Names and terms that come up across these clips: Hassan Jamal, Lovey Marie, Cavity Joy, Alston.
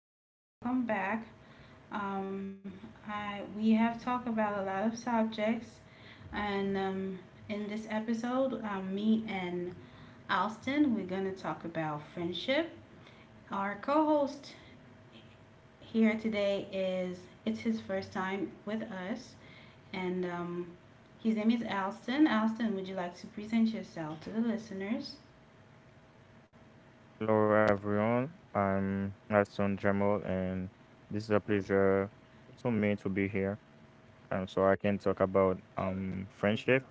Welcome back. Um, we have talked about a lot of subjects, and in this episode, me and Alston, we're going to talk about friendship. Our co host here today, is it's his first time with us, and his name is Alston. Alston, would you like to present yourself to the listeners? Hello, everyone. I'm Hassan Jamal, and this is a pleasure to me to be here. So I can talk about friendship,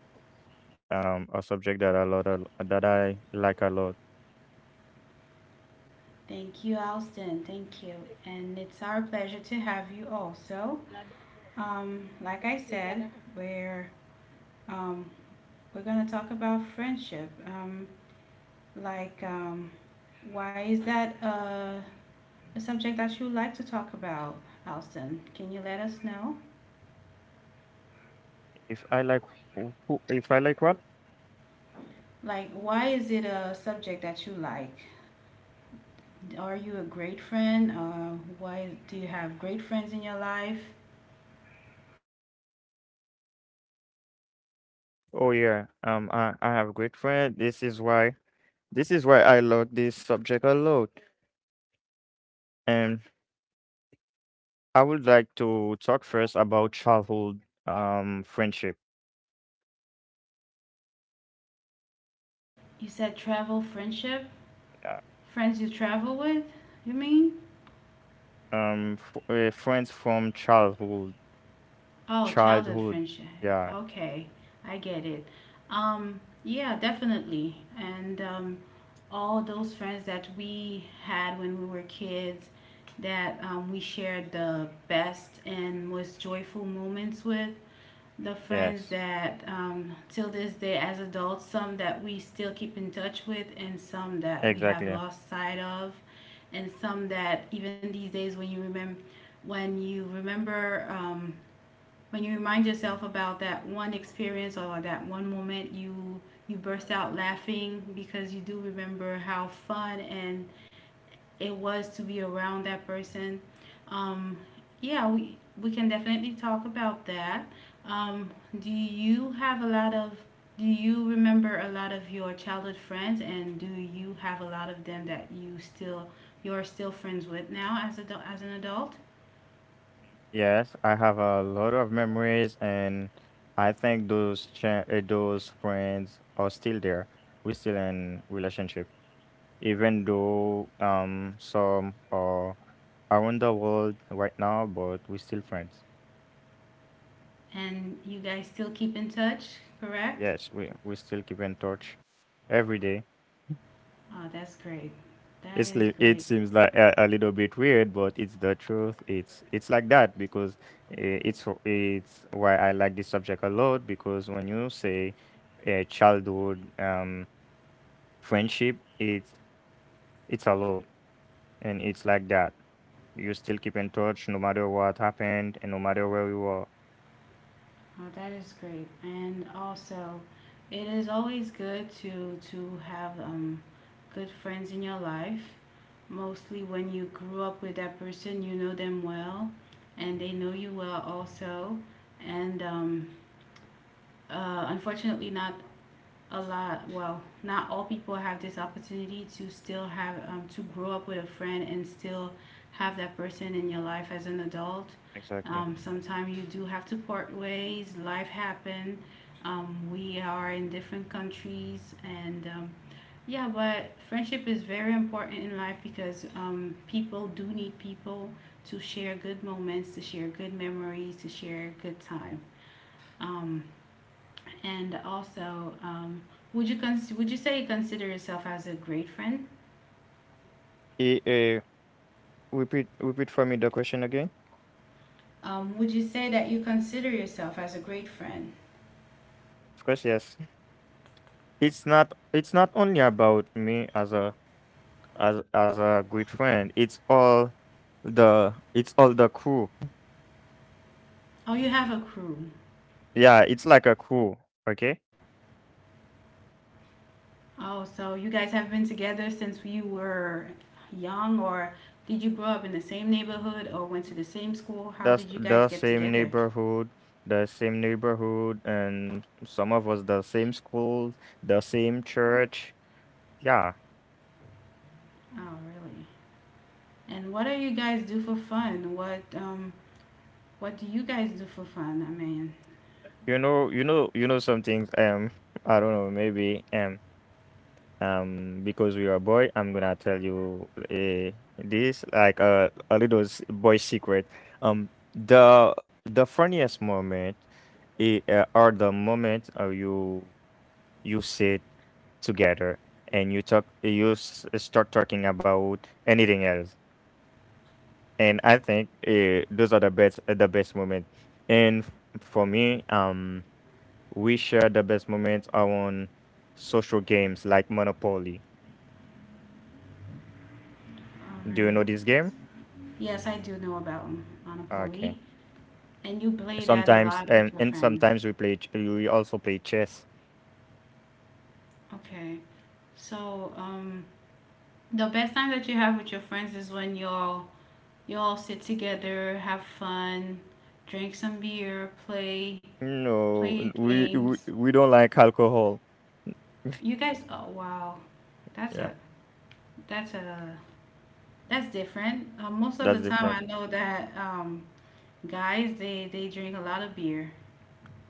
a subject that that I like a lot. Thank you, Alston. Thank you. And it's our pleasure to have you also. Like I said, we're um, we're gonna talk about friendship. Like, um, why is that a subject that you like to talk about, Alston? Can you let us know? If I like if I like what? Like, why is it a subject that you like? Are you a great friend? Why do you have great friends in your life? Oh, yeah. I have great friend. This is why I love this subject a lot. And I would like to talk first about childhood friendship. You said travel, friendship, Yeah. friends you travel with. You mean? Friends from childhood. Oh, childhood Childhood. friendship. Yeah. Okay, I get it. Yeah, definitely. And all those friends that we had when we were kids that we shared the best and most joyful moments with. The friends Yes. that till this day as adults, some that we still keep in touch with, and some that we have Exactly. lost sight of, and some that even these days when you remember um, when you remind yourself about that one experience or that one moment, you burst out laughing because you do remember how fun and it was to be around that person. um, yeah, we can definitely talk about that. um, do you have a lot of do you remember a lot of your childhood friends, and do you have a lot of them that you're still friends with now as as an adult? Yes, I have a lot of memories, and I think those friends are still there. We're still in relationship, even though some are around the world right now, but we're still friends. And you guys still keep in touch, correct? Yes, we still keep in touch every day. Oh, that's great. That is It great. seems like a little bit weird, but it's the truth. It's like that because it's why I like this subject a lot, because when you say a childhood friendship, it's a lot, and it's like that. You still keep in touch no matter what happened and no matter where you are. Oh, that is great. And also, it is always good to have good friends in your life. Mostly when you grew up with that person, you know them well, and they know you well also. And Unfortunately, not a lot well not all people have this opportunity to still have to grow up with a friend and still have that person in your life as an adult. Exactly. Sometimes you do have to part ways. Life happen. We are in different countries, and yeah, but friendship is very important in life because people do need people to share good moments, to share good memories, to share good time. Um, and also, would you cons- Would you say you consider yourself as a great friend? Eh, eh, repeat for me the question again. Would you say that you consider yourself as a great friend? Of course, yes. It's not only about me as a as as a good friend. It's all the crew. Oh, you have a crew. Yeah, it's like a crew. Okay, Oh, so you guys have been together since you were young, or did you grow up in the same neighborhood or went to the same school? How did you guys that's get the together? same neighborhood, and some of us the same school, the same church. Yeah, Oh, really? And what do you guys do for fun? What do you guys do for fun? I mean, you know, some things. I don't know, maybe because we are a boy, I'm gonna tell you, this like a little boy secret. Um the the funniest moment, are the moment, you sit together, and you talk you s- start talking about anything else. And I think, those are the best moment. and f- for me, we share the best moments on social games like Monopoly. all Do you right. know this game? Yes, I do know about Okay. Monopoly. And you play that a Sometimes, lot with your and friends. sometimes we play ch- we also play chess. Okay. So, the best time that you have with your friends is when y'all you all sit together, have fun, drink some beer, No, play n- we we, games. we don't like alcohol. You guys, oh wow, that's a Yeah, that's a that's different. Most of that's the time, different. I know that guys, they drink a lot of beer.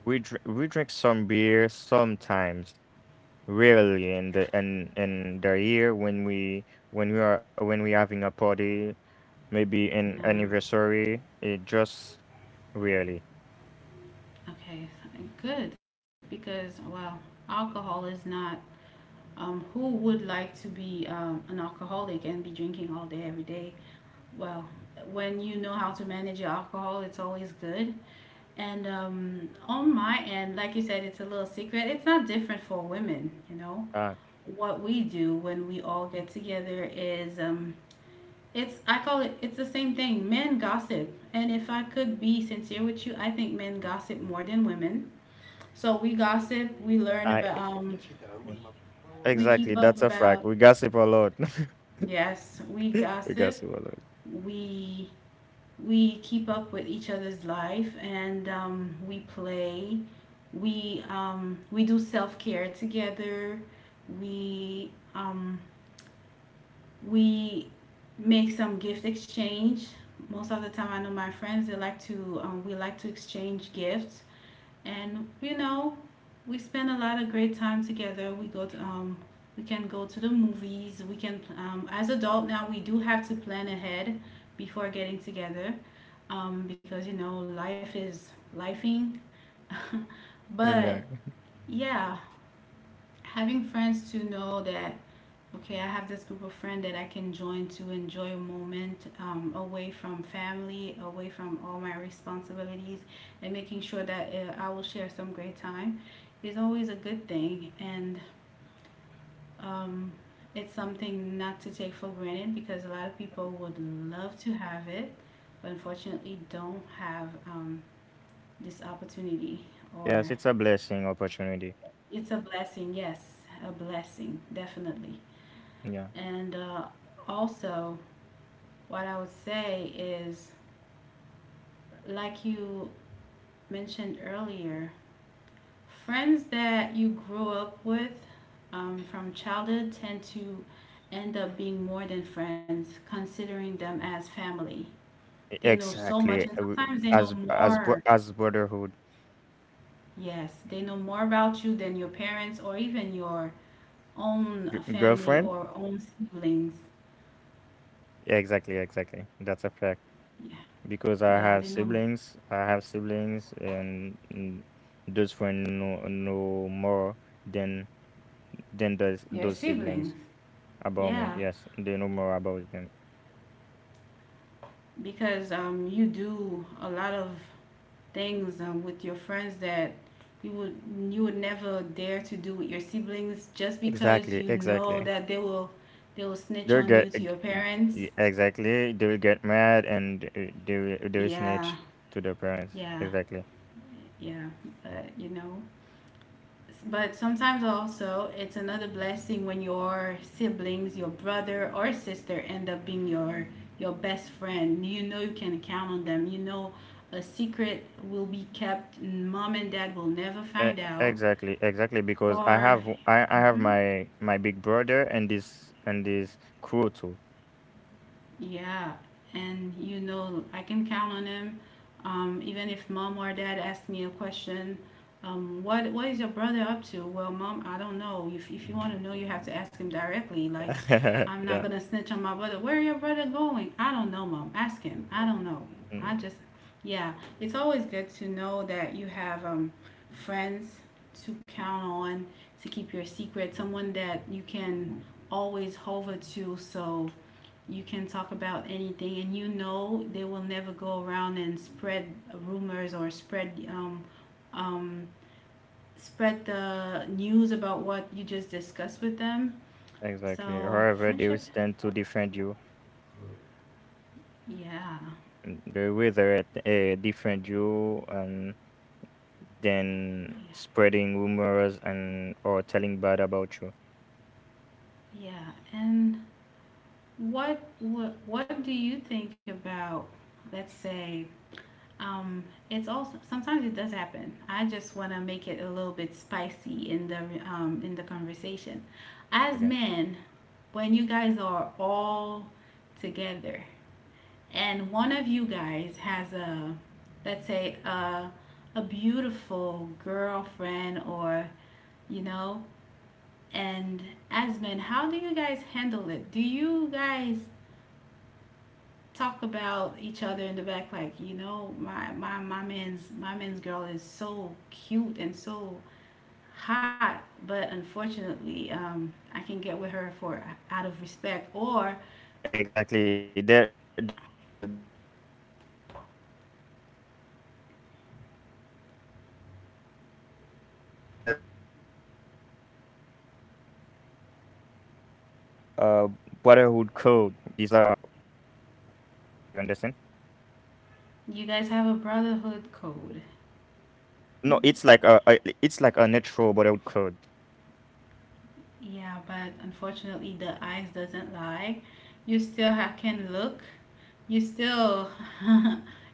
We drink some beer sometimes, rarely in the year when we are when we having a party, maybe an Yeah. anniversary. It just rarely. Okay. Good, because, well, alcohol is not. Who would like to be an alcoholic and be drinking all day, every day? Well, when you know how to manage your alcohol, it's always good. And on my end, like you said, it's a little secret. It's not different for women. Uh, What we do when we all get together is it's I call it, it's the same thing. Men gossip, and if I could be sincere with you, I think men gossip more than women. So we gossip. We learn I about, Yeah, we exactly. keep up That's a fact. about. We gossip a lot. Yes, we We gossip gossip. a lot. We we keep up with each other's life, and we play. We do self care together. We um, we make some gift exchange. Most of the time, I know my friends, they like to, we like to exchange gifts. And we spend a lot of great time together. We can go to the movies. We can As adult now, we do have to plan ahead before getting together, because you know, life is lifing. Mm, But yeah. yeah, having friends to know that, okay, I have this group of friends that I can join to enjoy a moment, away from family, away from all my responsibilities, and making sure that I will share some great time is always a good thing. And um, it's something not to take for granted because a lot of people would love to have it, but unfortunately don't have, this opportunity. Yes, Or it's a blessing opportunity. it's a blessing, yes, a blessing, definitely. Yeah, And also, what I would say is, like you mentioned earlier, friends that you grew up with, from childhood, tend to end up being more than friends, considering them as family. They know so much, exactly. and I wou- sometimes they know as bro- more. as brotherhood. Yes, they know more about you than your parents or even your own family Girlfriend. or own siblings. Yeah, exactly, exactly. That's a fact, Yeah, because I yeah, have they know siblings. And, those friends know more than than those your those siblings. siblings about me. Yeah, Yes, they know more about them. because you do a lot of things, with your friends that you would you would never dare to do with your siblings, just because Exactly, you know exactly. that they will snitch They'll on get you to your eg- parents. e- Exactly. They will get mad, and they will Yeah, snitch to their parents. yeah, Exactly. yeah. But you know, but sometimes also, it's another blessing when your siblings, your brother or sister, end up being your best friend. You know you can count on them. You know a secret will be kept. Mom and dad will never E- find out. exactly, because i Or have i i have mhm. my big brother, and this crew too. Yeah, and you know, I can count on him. Even if mom or dad asked me a question, what is your brother up to? Well, mom, I don't know. If you want to know, you have to ask him directly. Like, I'm not Yeah. gonna snitch on my brother. Where your brother going? I don't know, mom. Ask him. I don't know. mm, I just, yeah. It's always good to know that you have, friends to count on, to keep your secret. Someone that you can always hover to. So you can talk about anything, and you know they will never go around and spread rumors or um, spread the news about what you just discussed with them. exactly, So however they will friendship, stand to defend you. yeah, They will either, defend you, and then yeah, spreading rumors, and or telling bad about you. yeah. And what do you think about? Let's say. Um, it's also Sometimes it does happen. I just want to make it a little bit spicy in the, in the conversation. As men, when you guys are all Okay. together and one of you guys has a, let's say, a beautiful girlfriend, or you know, and as men, how do you guys handle it? Do you guys talk about each other in the back, like, you know, my man's girl is so cute and so hot, but unfortunately, I can not get with her, for out of respect, or Exactly, there's a, a brotherhood code. You you don't desire the your brothers, your you guys friends have a girl. brotherhood code? You understand? Yeah, but unfortunately, No. Mhm. the eyes doesn't It's like lie. a natural You still brotherhood have, code. can look. You still,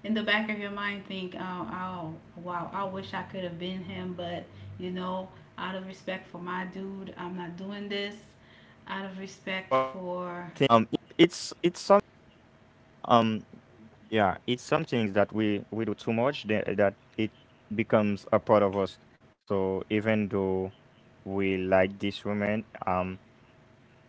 in the back of your mind, think, Yeah, oh, wow, I wish I could have been him, but but you um it's some know, out it's of it's respect for something my we dude, I'm not practice. doing this. Out of respect um for, yeah, yeah, it's some things that we do too much that it becomes a part of us. So even though we like this woman,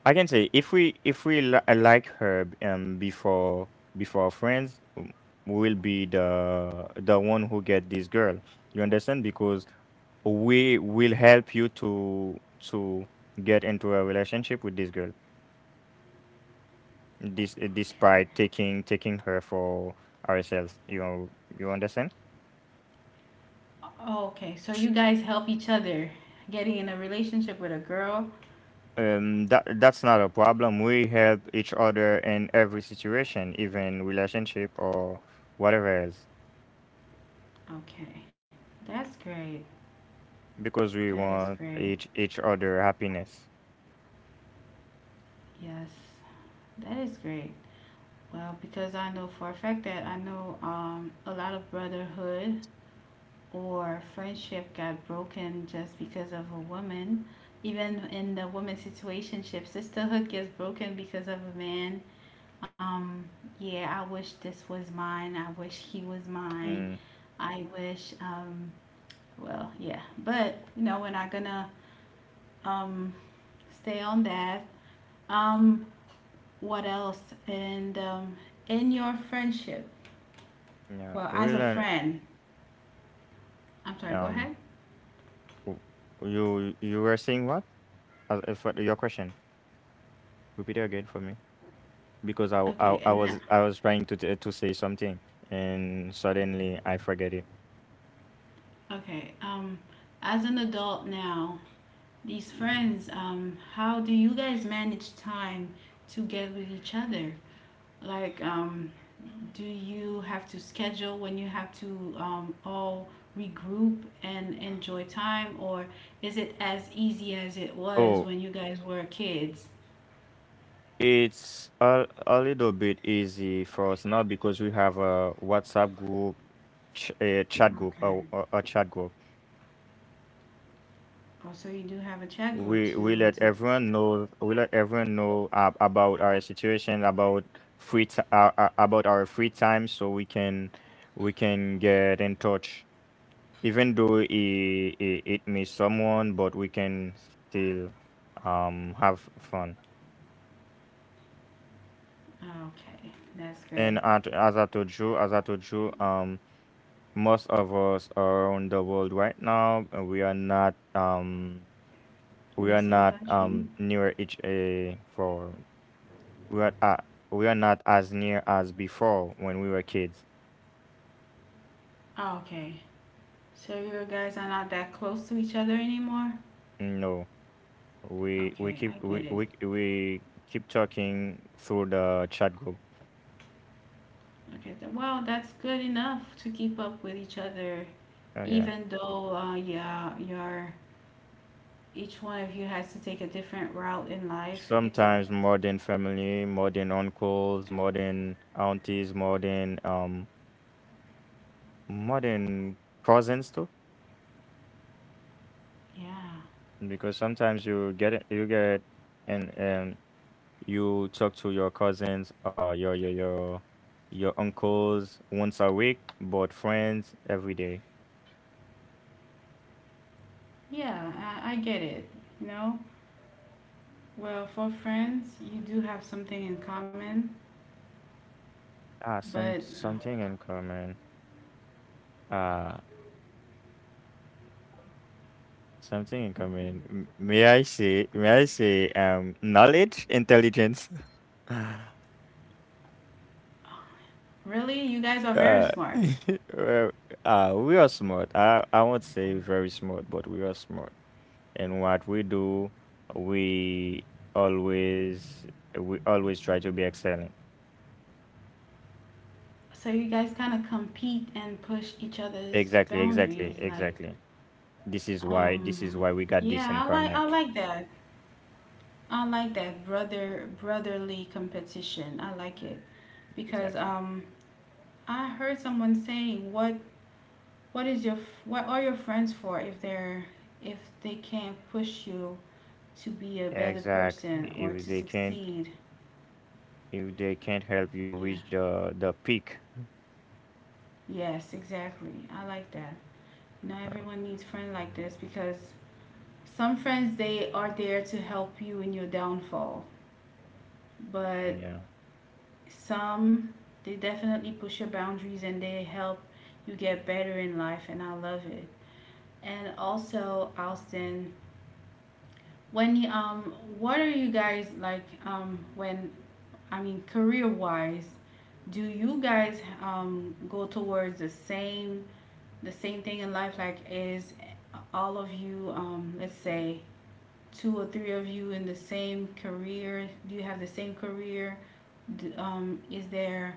I can say if like her, before our friends, will be the one who get this girl. You understand? Because we will help you to get into a relationship with this girl. This Okay. despite taking her for ourselves. You know, you understand? Oh, okay, so you guys help each other getting in a relationship with a girl. That's not a problem. We help each other in every situation, even relationship or whatever else. Okay, that's great. Because we That is want great. each other happiness. Yes, that is great. Well, because I know for a fact that I know, a lot of brotherhood or friendship got broken just because of a woman. Even in the woman's situationship, sisterhood gets broken because of a man. Um, yeah, I wish this was mine. I wish he was mine. Mm, I wish, um, well, yeah. But, you know, we're not gonna um, stay on that. Um, what else? And in your friendship, yeah, well, we as a learn. friend, I'm sorry, go Um, ahead. w- you were saying what? As For your question, repeat it again for me, because I w- I, w- Okay, I and no- was I was trying to say something, and suddenly I forget it. okay. As an adult now, these friends, how do you guys manage time to get with each other? Like, do you have to schedule when you have to all regroup and enjoy time, or is it as easy as it was Oh, when you guys were kids? it's a little bit easy for us now, because we have a WhatsApp group, a chat group, a, Okay. a, a chat group. Oh, so you do have a chat group We to let to. everyone know, about our situation, about about our free time, so we can get in touch, even though it may someone, but we can still have fun. Okay, that's And, great. at, as I told you as I told you, most of us around the world right now, we In the are same not country? Near each a for. We are uh, we are not as near as before, when we were kids. Oh, okay. So you guys are not that close to each other anymore? No, Okay, I get it. We keep talking through the chat group. Okay, well, that's good enough to keep up with each other, Yeah, even though, yeah, you're each one of you has to take a different route in life. It's a, sometimes more than family, more than uncles, more than aunties, more than cousins too. yeah, Because sometimes you get, and you talk to your cousins, or your uncles once a week, but friends every day. yeah, I get it. You know, well, for friends, you do have something in common, Ah, but something in common. Uh, Something in common. May I say, knowledge, intelligence. really, you guys are very Uh, smart. well, we are smart. I won't say very smart, but we are smart. And what we do, we always we always try to be excellent. So you guys kind of compete and push each other's Exactly, boundaries, exactly, like exactly. This is why this is Um, why we got this yeah, in common. I like that. I like that brotherly competition. I like it because Exactly. I heard someone saying what is your what are your friends for if they're if they can't push you to be a better Exactly. person or If to they can't succeed. if they can't help you Yeah. reach the peak. Yes, exactly. I like that. Not uh, everyone needs friends like this because some friends they are there to help you in your downfall, but Yeah. some, they definitely push your boundaries and they help you get better in life, and I love it. And also, Alston, when you, what are you guys like, I mean, career wise, do you guys go towards the same thing in life like is all of you let's say two or three of you in the same career? Do you have the same career? Do, is there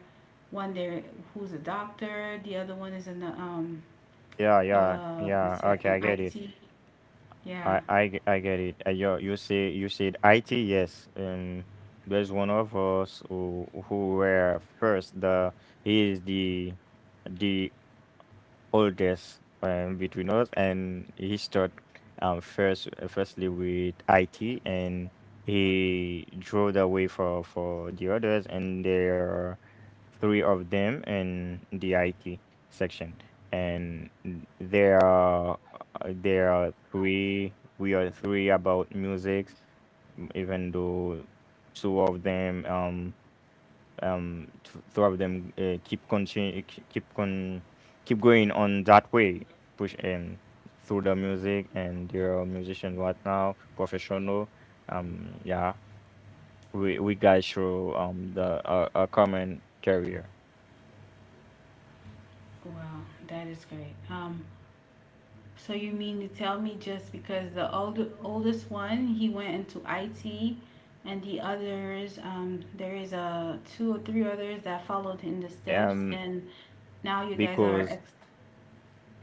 one there who's a doctor? The other one is an Yeah, yeah, let's yeah. say Okay, an I get it. IT. Yeah. I get it. You said IT, yes. And there's one of us who were first, the he is the oldest, between us. And he start, firstly with IT, and he drove the way for the others. And there are three of them in the IT section. And there are three. We are three about music, even though two of them, throughout them, keep continue keep con keep going on that way. Push through the music, and there are musicians right now, professional. Yeah, we guys show, a common career. Wow, that is great. So you mean to tell me just because the older oldest one he went into IT, and the others there is a two or three others that followed in the steps, um and now you guys are because ex.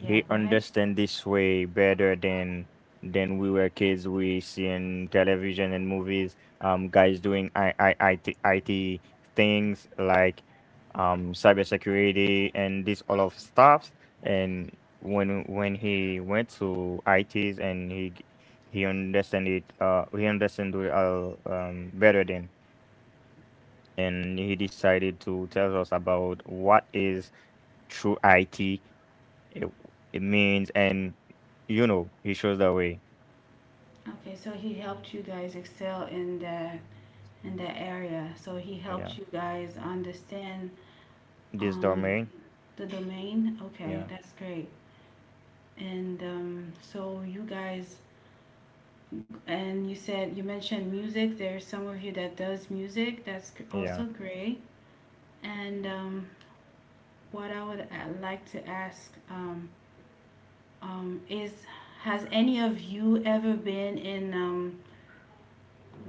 Yeah, go ahead. understand this way better than. We were kids, we see in television and movies, guys doing IT things like cybersecurity and this all of stuffs. And when he went to ITs, and he understand it. He understand it all, better than. And he decided to tell us about what is true IT it it means. And, you know, he shows the way. Okay, so he helped you guys excel in that area. So he helped Yeah. you guys understand This um, domain. the domain. Okay, Yeah. that's great. And so you guys, and you said you mentioned music. There's some of you that does music. That's Yeah. also great. And what I would like to ask is, has any of you ever been in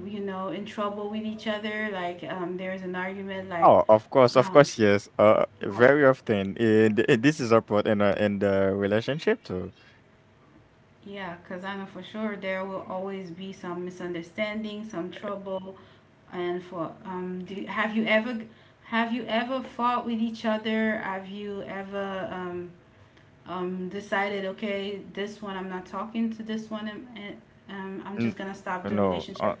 you know, in trouble with each other. Like, there's an argument, like, Oh, of um, course, yes. Oh, Very often, this is a part in a in the relationship too. yeah, because I know for sure there will always be some misunderstanding, some trouble. And for, have you ever fought with each other? Have you ever, decided, okay, this one, I'm not talking to this one, and I'm N- just gonna stop the No, relationship?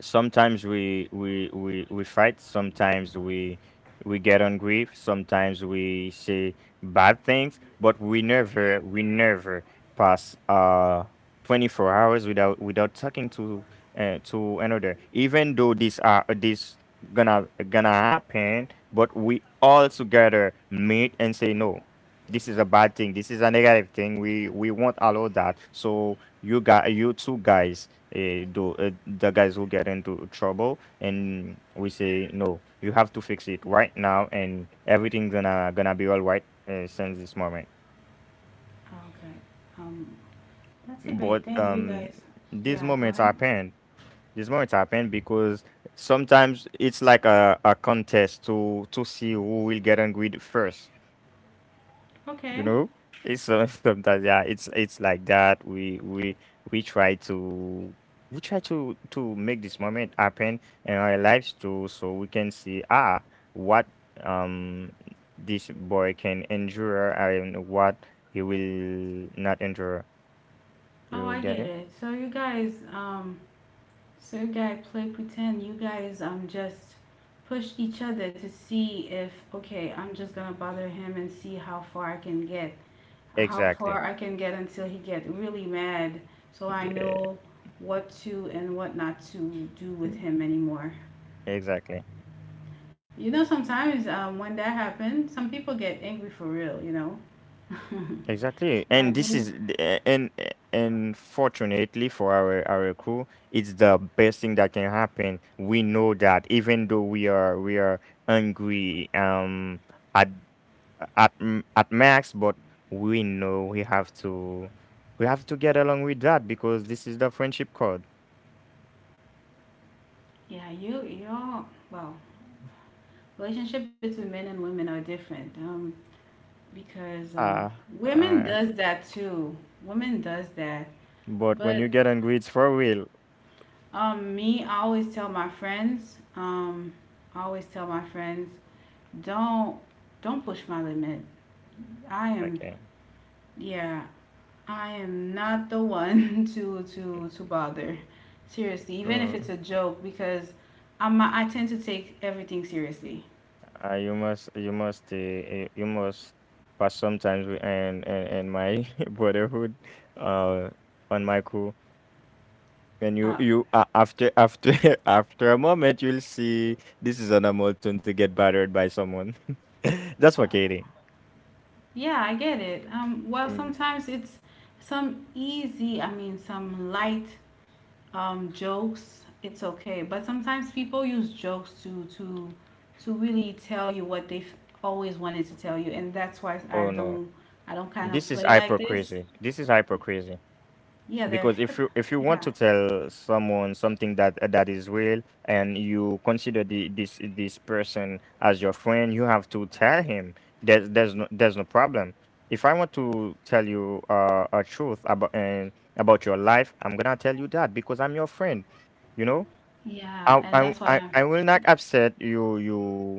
sometimes we fight, sometimes we get angry, sometimes we say bad things, but we never pass, 24 hours without talking to, to another. Even though this are, this gonna happen, but we all together meet and say no, this is a bad thing, this is a negative thing, we won't allow that. So, you two guys, do the guys who get into trouble, and we say no, you have to fix it right now, and everything's gonna be all right, since this moment. Okay. Um, that's a But great thing, you guys. these Yeah, go moments ahead. happen these moments happen because sometimes it's like a contest to see who will get angry first. You Okay. know, sometimes, yeah, it's like that. We We try to make this moment happen in our lives too, so we can see, ah, what um this boy can endure, and what he will not endure. Oh, You I get get it? it. So you guys play pretend. You guys, just push each other to see if okay, I'm just gonna bother him and see how far I can get, how Exactly. far I can get until he get really mad, so I Yeah. know what to and what not to do with mm, him anymore. exactly. You know, sometimes when that happens, some people get angry for real. You know, Exactly, and like this me. is the- and fortunately for our crew, it's the best thing that can happen. We know that even though we are angry, at at max, but we know we have to get along with that, because this is the friendship code. Yeah, you all. Well, relationship between men and women are different. Because Uh, women uh does that too. Women does that. but when But you get angry, it's for real. Me, I always tell my friends. I always tell my friends, don't don't push my limit. I am Okay, yeah, I am not the one to bother. Seriously, even if so. it's a joke, because I tend to take everything seriously. You must pass sometimes, and my brotherhood, uh, on my crew. And you, Uh, you after after a moment, you'll see this is an Hamilton to get battered by someone. That's what Katie. yeah, I get it. Well, Mm, sometimes it's some easy, I mean, some light jokes, it's okay. But sometimes people use jokes to really tell you what they've always wanted to tell you, and that's why oh no, I don't kind this of is play like this. hypocrisy. This is hypocrisy. Yeah, they're Because if hip. you want to Yeah, tell someone something that is real and you consider the this this person as your friend, you have to tell him. There's no problem. If I want to tell you a truth about and about your life, I'm gonna tell you that because I'm your friend. You know, yeah, I and I that's what I I'm. I will not upset you. you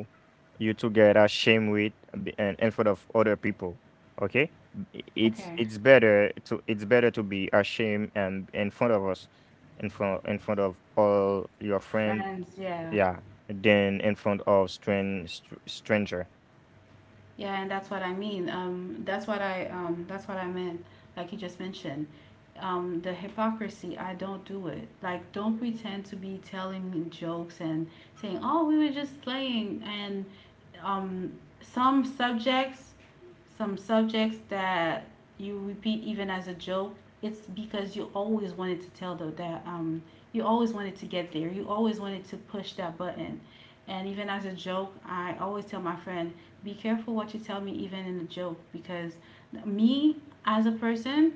you together shame with and in front of other people. Okay, I- it's Okay, it's better to be ashamed and in front of us, in front of all your friend, friends. Yeah. yeah, than in front of stranger. Yeah, and that's what I mean. That's what I meant. Like you just mentioned, the hypocrisy. I don't do it. Like, don't pretend to be telling me jokes and saying, "Oh, we were just playing." And um, some subjects, some subjects that you repeat even as a joke, it's because you always wanted to tell the that you always wanted to get there. You always wanted to push that button. And even as a joke, I always tell my friend, be careful what you tell me, even in a joke, because me as a person,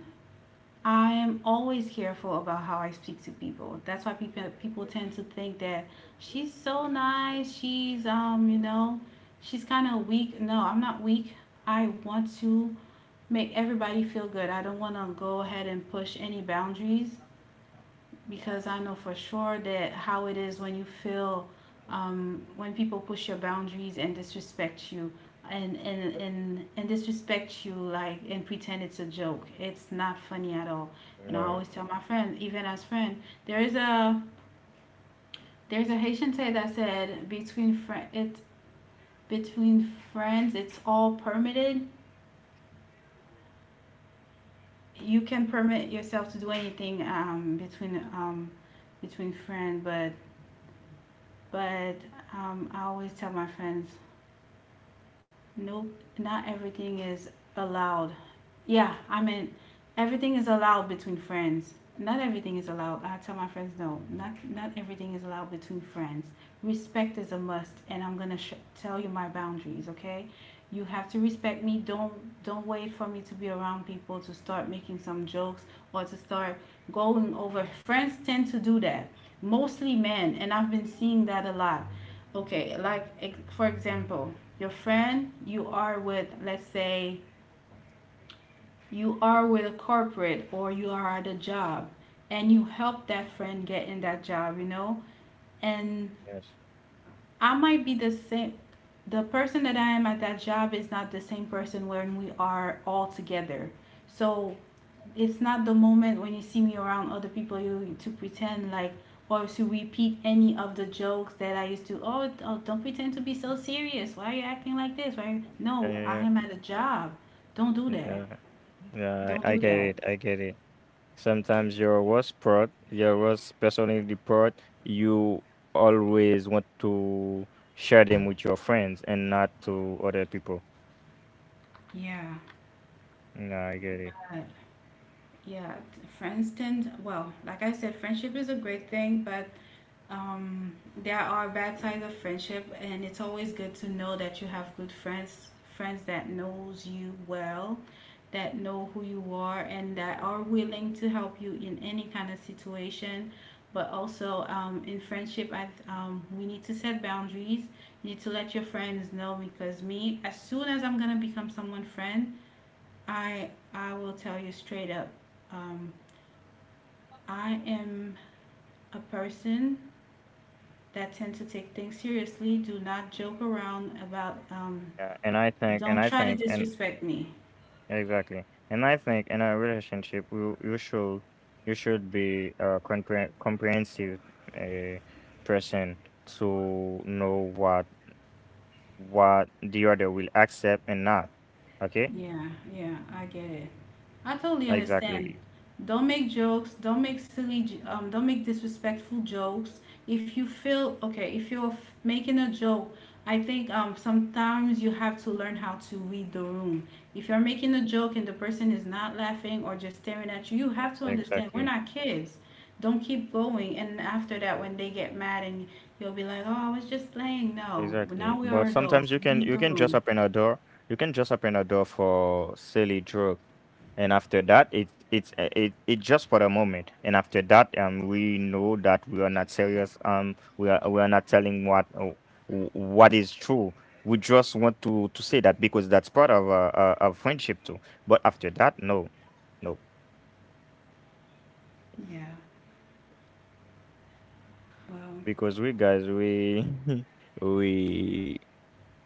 I am always careful about how I speak to people. That's why people tend to think that she's so nice, she's you know, she's kind of weak. No, I'm not weak. I want to make everybody feel good. I don't want to go ahead and push any boundaries because I know for sure that how it is when you feel when people push your boundaries and disrespect you and disrespect you like and pretend it's a joke. It's not funny at all. You And I know, always tell my friends, even as friend, there is a there's a Haitian say that said between friends it's all permitted. You can permit yourself to do anything between friends, but But I always tell my friends, nope, not everything is allowed. Yeah, I mean, everything is allowed between friends. Not everything is allowed. I tell my friends, no, not everything is allowed between friends. Respect is a must, and I'm gonna tell you my boundaries. Okay, you have to respect me. Don't wait for me to be around people to start making some jokes or to start going over. Friends tend to do that, mostly men, and I've been seeing that a lot. Okay, like for example, your friend you are with, let's say you are with a corporate or you are at a job and you help that friend get in that job, you know? And yes, I might be the same. The person that I am at that job is not the same person when we are all together. So it's not the moment when you see me around other people you to pretend like or to repeat any of the jokes that I used to. Oh, oh don't pretend to be so serious. Why are you acting like this? Why? Are you-" yeah, No, yeah, yeah. I am at a job. Don't do Mm, that. yeah. yeah Don't I I do get that. it. I get it. Sometimes your worst part, your worst personality part, you always want to share them with your friends and not to other people. Yeah. No, I get it. Uh, yeah. For instance, well, like I said, friendship is a great thing, but um, there are bad sides of friendship and it's always good to know that you have good friends friends that knows you well that know who you are and that are willing to help you in any kind of situation but also in friendship we need to set boundaries you need to let your friends know because me as soon as I'm gonna become someone friend I will tell you straight up um, I am a person that tend to take things seriously do not joke around about Yeah, and I think, and don't I try to think, and disrespect me exactly, and I think in a relationship, you should be a comprehensive uh, person to know what the other will accept and not. Okay, yeah yeah I get it. I totally understand. exactly, Don't make jokes. Don't make silly. Don't make disrespectful jokes. If you feel okay, if you're making a joke, I think sometimes you have to learn how to read the room. If you're making a joke and the person is not laughing or just staring at you, you have to understand we're exactly. not kids. Don't keep going. And after that, when they get mad and you'll be like, "Oh, I was just playing." No, now Exactly. we are But sometimes adults. you can Read you the can just room. open a door. You can just open a door for silly joke. And after that it it just for the moment. And after that we know that we are not serious. We are not telling what what is true. We just want to say that because that's part of a of friendship too. But after that, no. No. Yeah. Well, Because we guys we we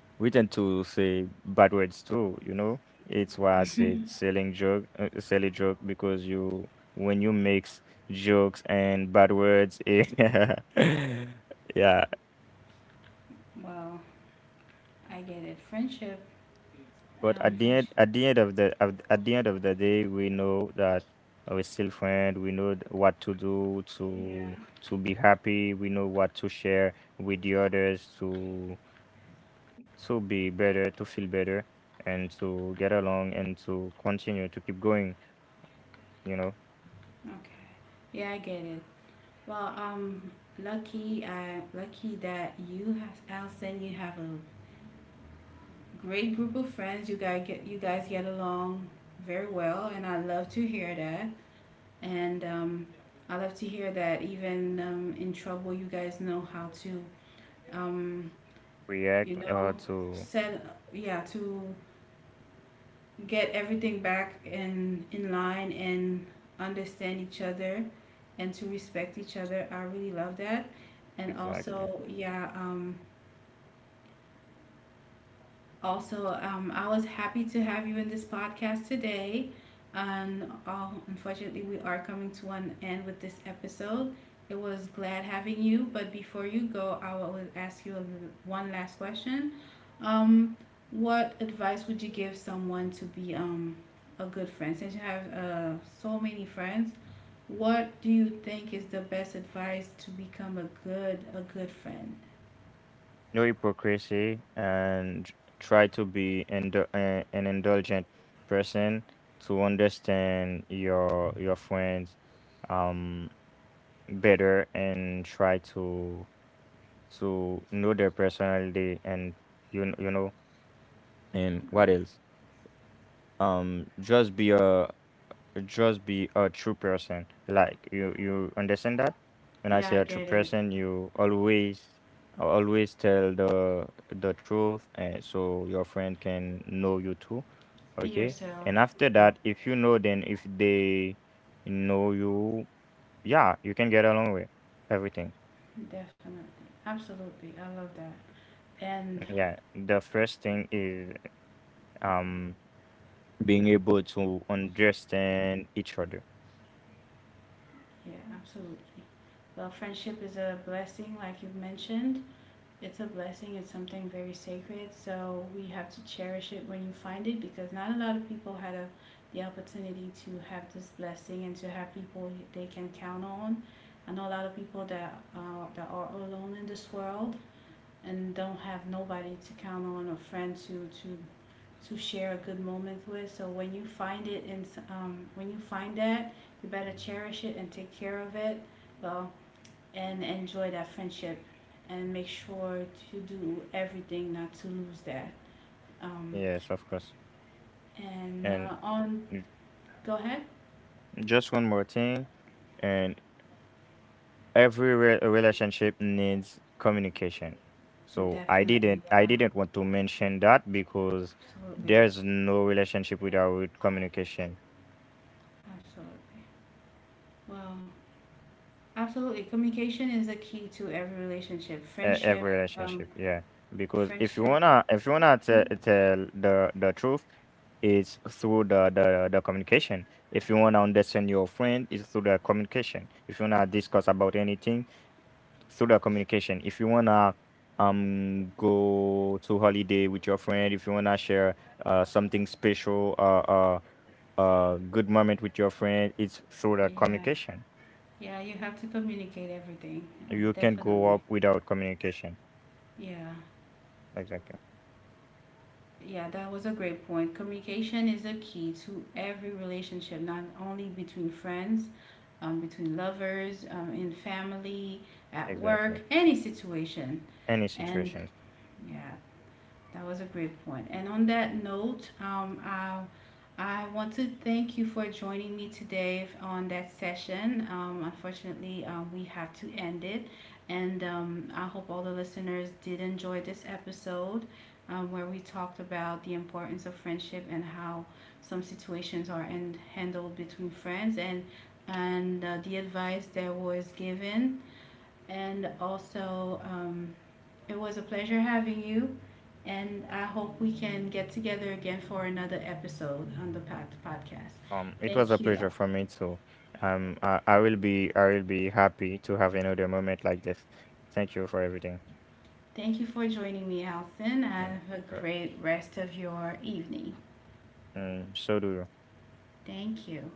we tend to say bad words too, you know. It's why I say selling joke, silly joke, because you when you mix jokes and bad words, it- yeah. well, I get it. Friendship But French. at the end of at the end of the day, we know that we're still friends. We know what to do Yeah. to be happy. We know what to share with the others to be better, to feel better, and to get along and to continue to keep going. You know, Okay. Yeah, I get it. Well, I lucky that you have Allison. You have a great group of friends. You guys get along very well, and I love to hear that. And I love to hear that even in trouble, you guys know how to um, you react know, to set yeah to get everything back in line and understand each other and to respect each other. I really love that. And exactly. also, yeah, also, I was happy to have you in this podcast today. And oh, unfortunately, we are coming to an end with this episode. It was glad having you, but before you go, I will ask you a, one last question. Um, what advice would you give someone to be a good friend? Since you have so many friends, what do you think is the best advice to become a good friend? No hypocrisy, and try to be an indulgent person, to understand your friends um better, and try to know their personality. And you know, and what else. Just be a true person. Like, you understand that? When I Yeah, say I a true get it. person, you always always tell the truth, and so your friend can know you too. Be Okay, yourself. and after that, if you know, then if they know you, yeah, you can get along with everything. Definitely. Absolutely. I love that. And Yeah, the first thing is um being able to understand each other. yeah, absolutely. Well, friendship is a blessing, like you've mentioned. It's a blessing, it's something very sacred. So we have to cherish it when you find it because not a lot of people had a, the opportunity to have this blessing and to have people they can count on. I know a lot of people that, that are alone in this world and don't have nobody to count on or friend to share a good moment with. So when you find it and when you find that, you better cherish it and take care of it. Well, and enjoy that friendship, and make sure to do everything not to lose that. Um, Yes, of course, and and uh, on, go ahead. just one more thing, and every relationship needs communication. So I didn't Definitely, I didn't want to mention that, because absolutely, there's no relationship without communication. absolutely. Well, absolutely. Communication is the key to every relationship. Every Friendship, relationship, yeah. Because if you friendship. wanna if you wanna Mhm. Tell the truth, it's through the, the communication. If you wanna understand your friend, it's through the communication. If you wanna discuss about anything, through that communication. If you wanna go to holiday with your friend, if you wanna share something special, good moment with your friend, it's through the Yeah, communication. yeah, you have to communicate everything. You can not go Definitely. up without communication. Yeah. Exactly. Yeah, that was a great point. Communication is a key to every relationship, not only between friends, between lovers, in family, at Exactly. work, any situation. Any And situation. yeah, that was a great point. And on that note, I want to thank you for joining me today on that session. Unfortunately, we have to end it. And I hope all the listeners did enjoy this episode where we talked about the importance of friendship and how some situations are in, handled between friends and the advice that was given and also, it was a pleasure having you. And I hope we can get together again for another episode on the podcast. It was a Thank you. pleasure for me too. I will be happy to have another moment like this. Thank you for everything. Thank you for joining me, Alison. Have Mm, a you're- great rest of your evening. mm, so do you. Thank you.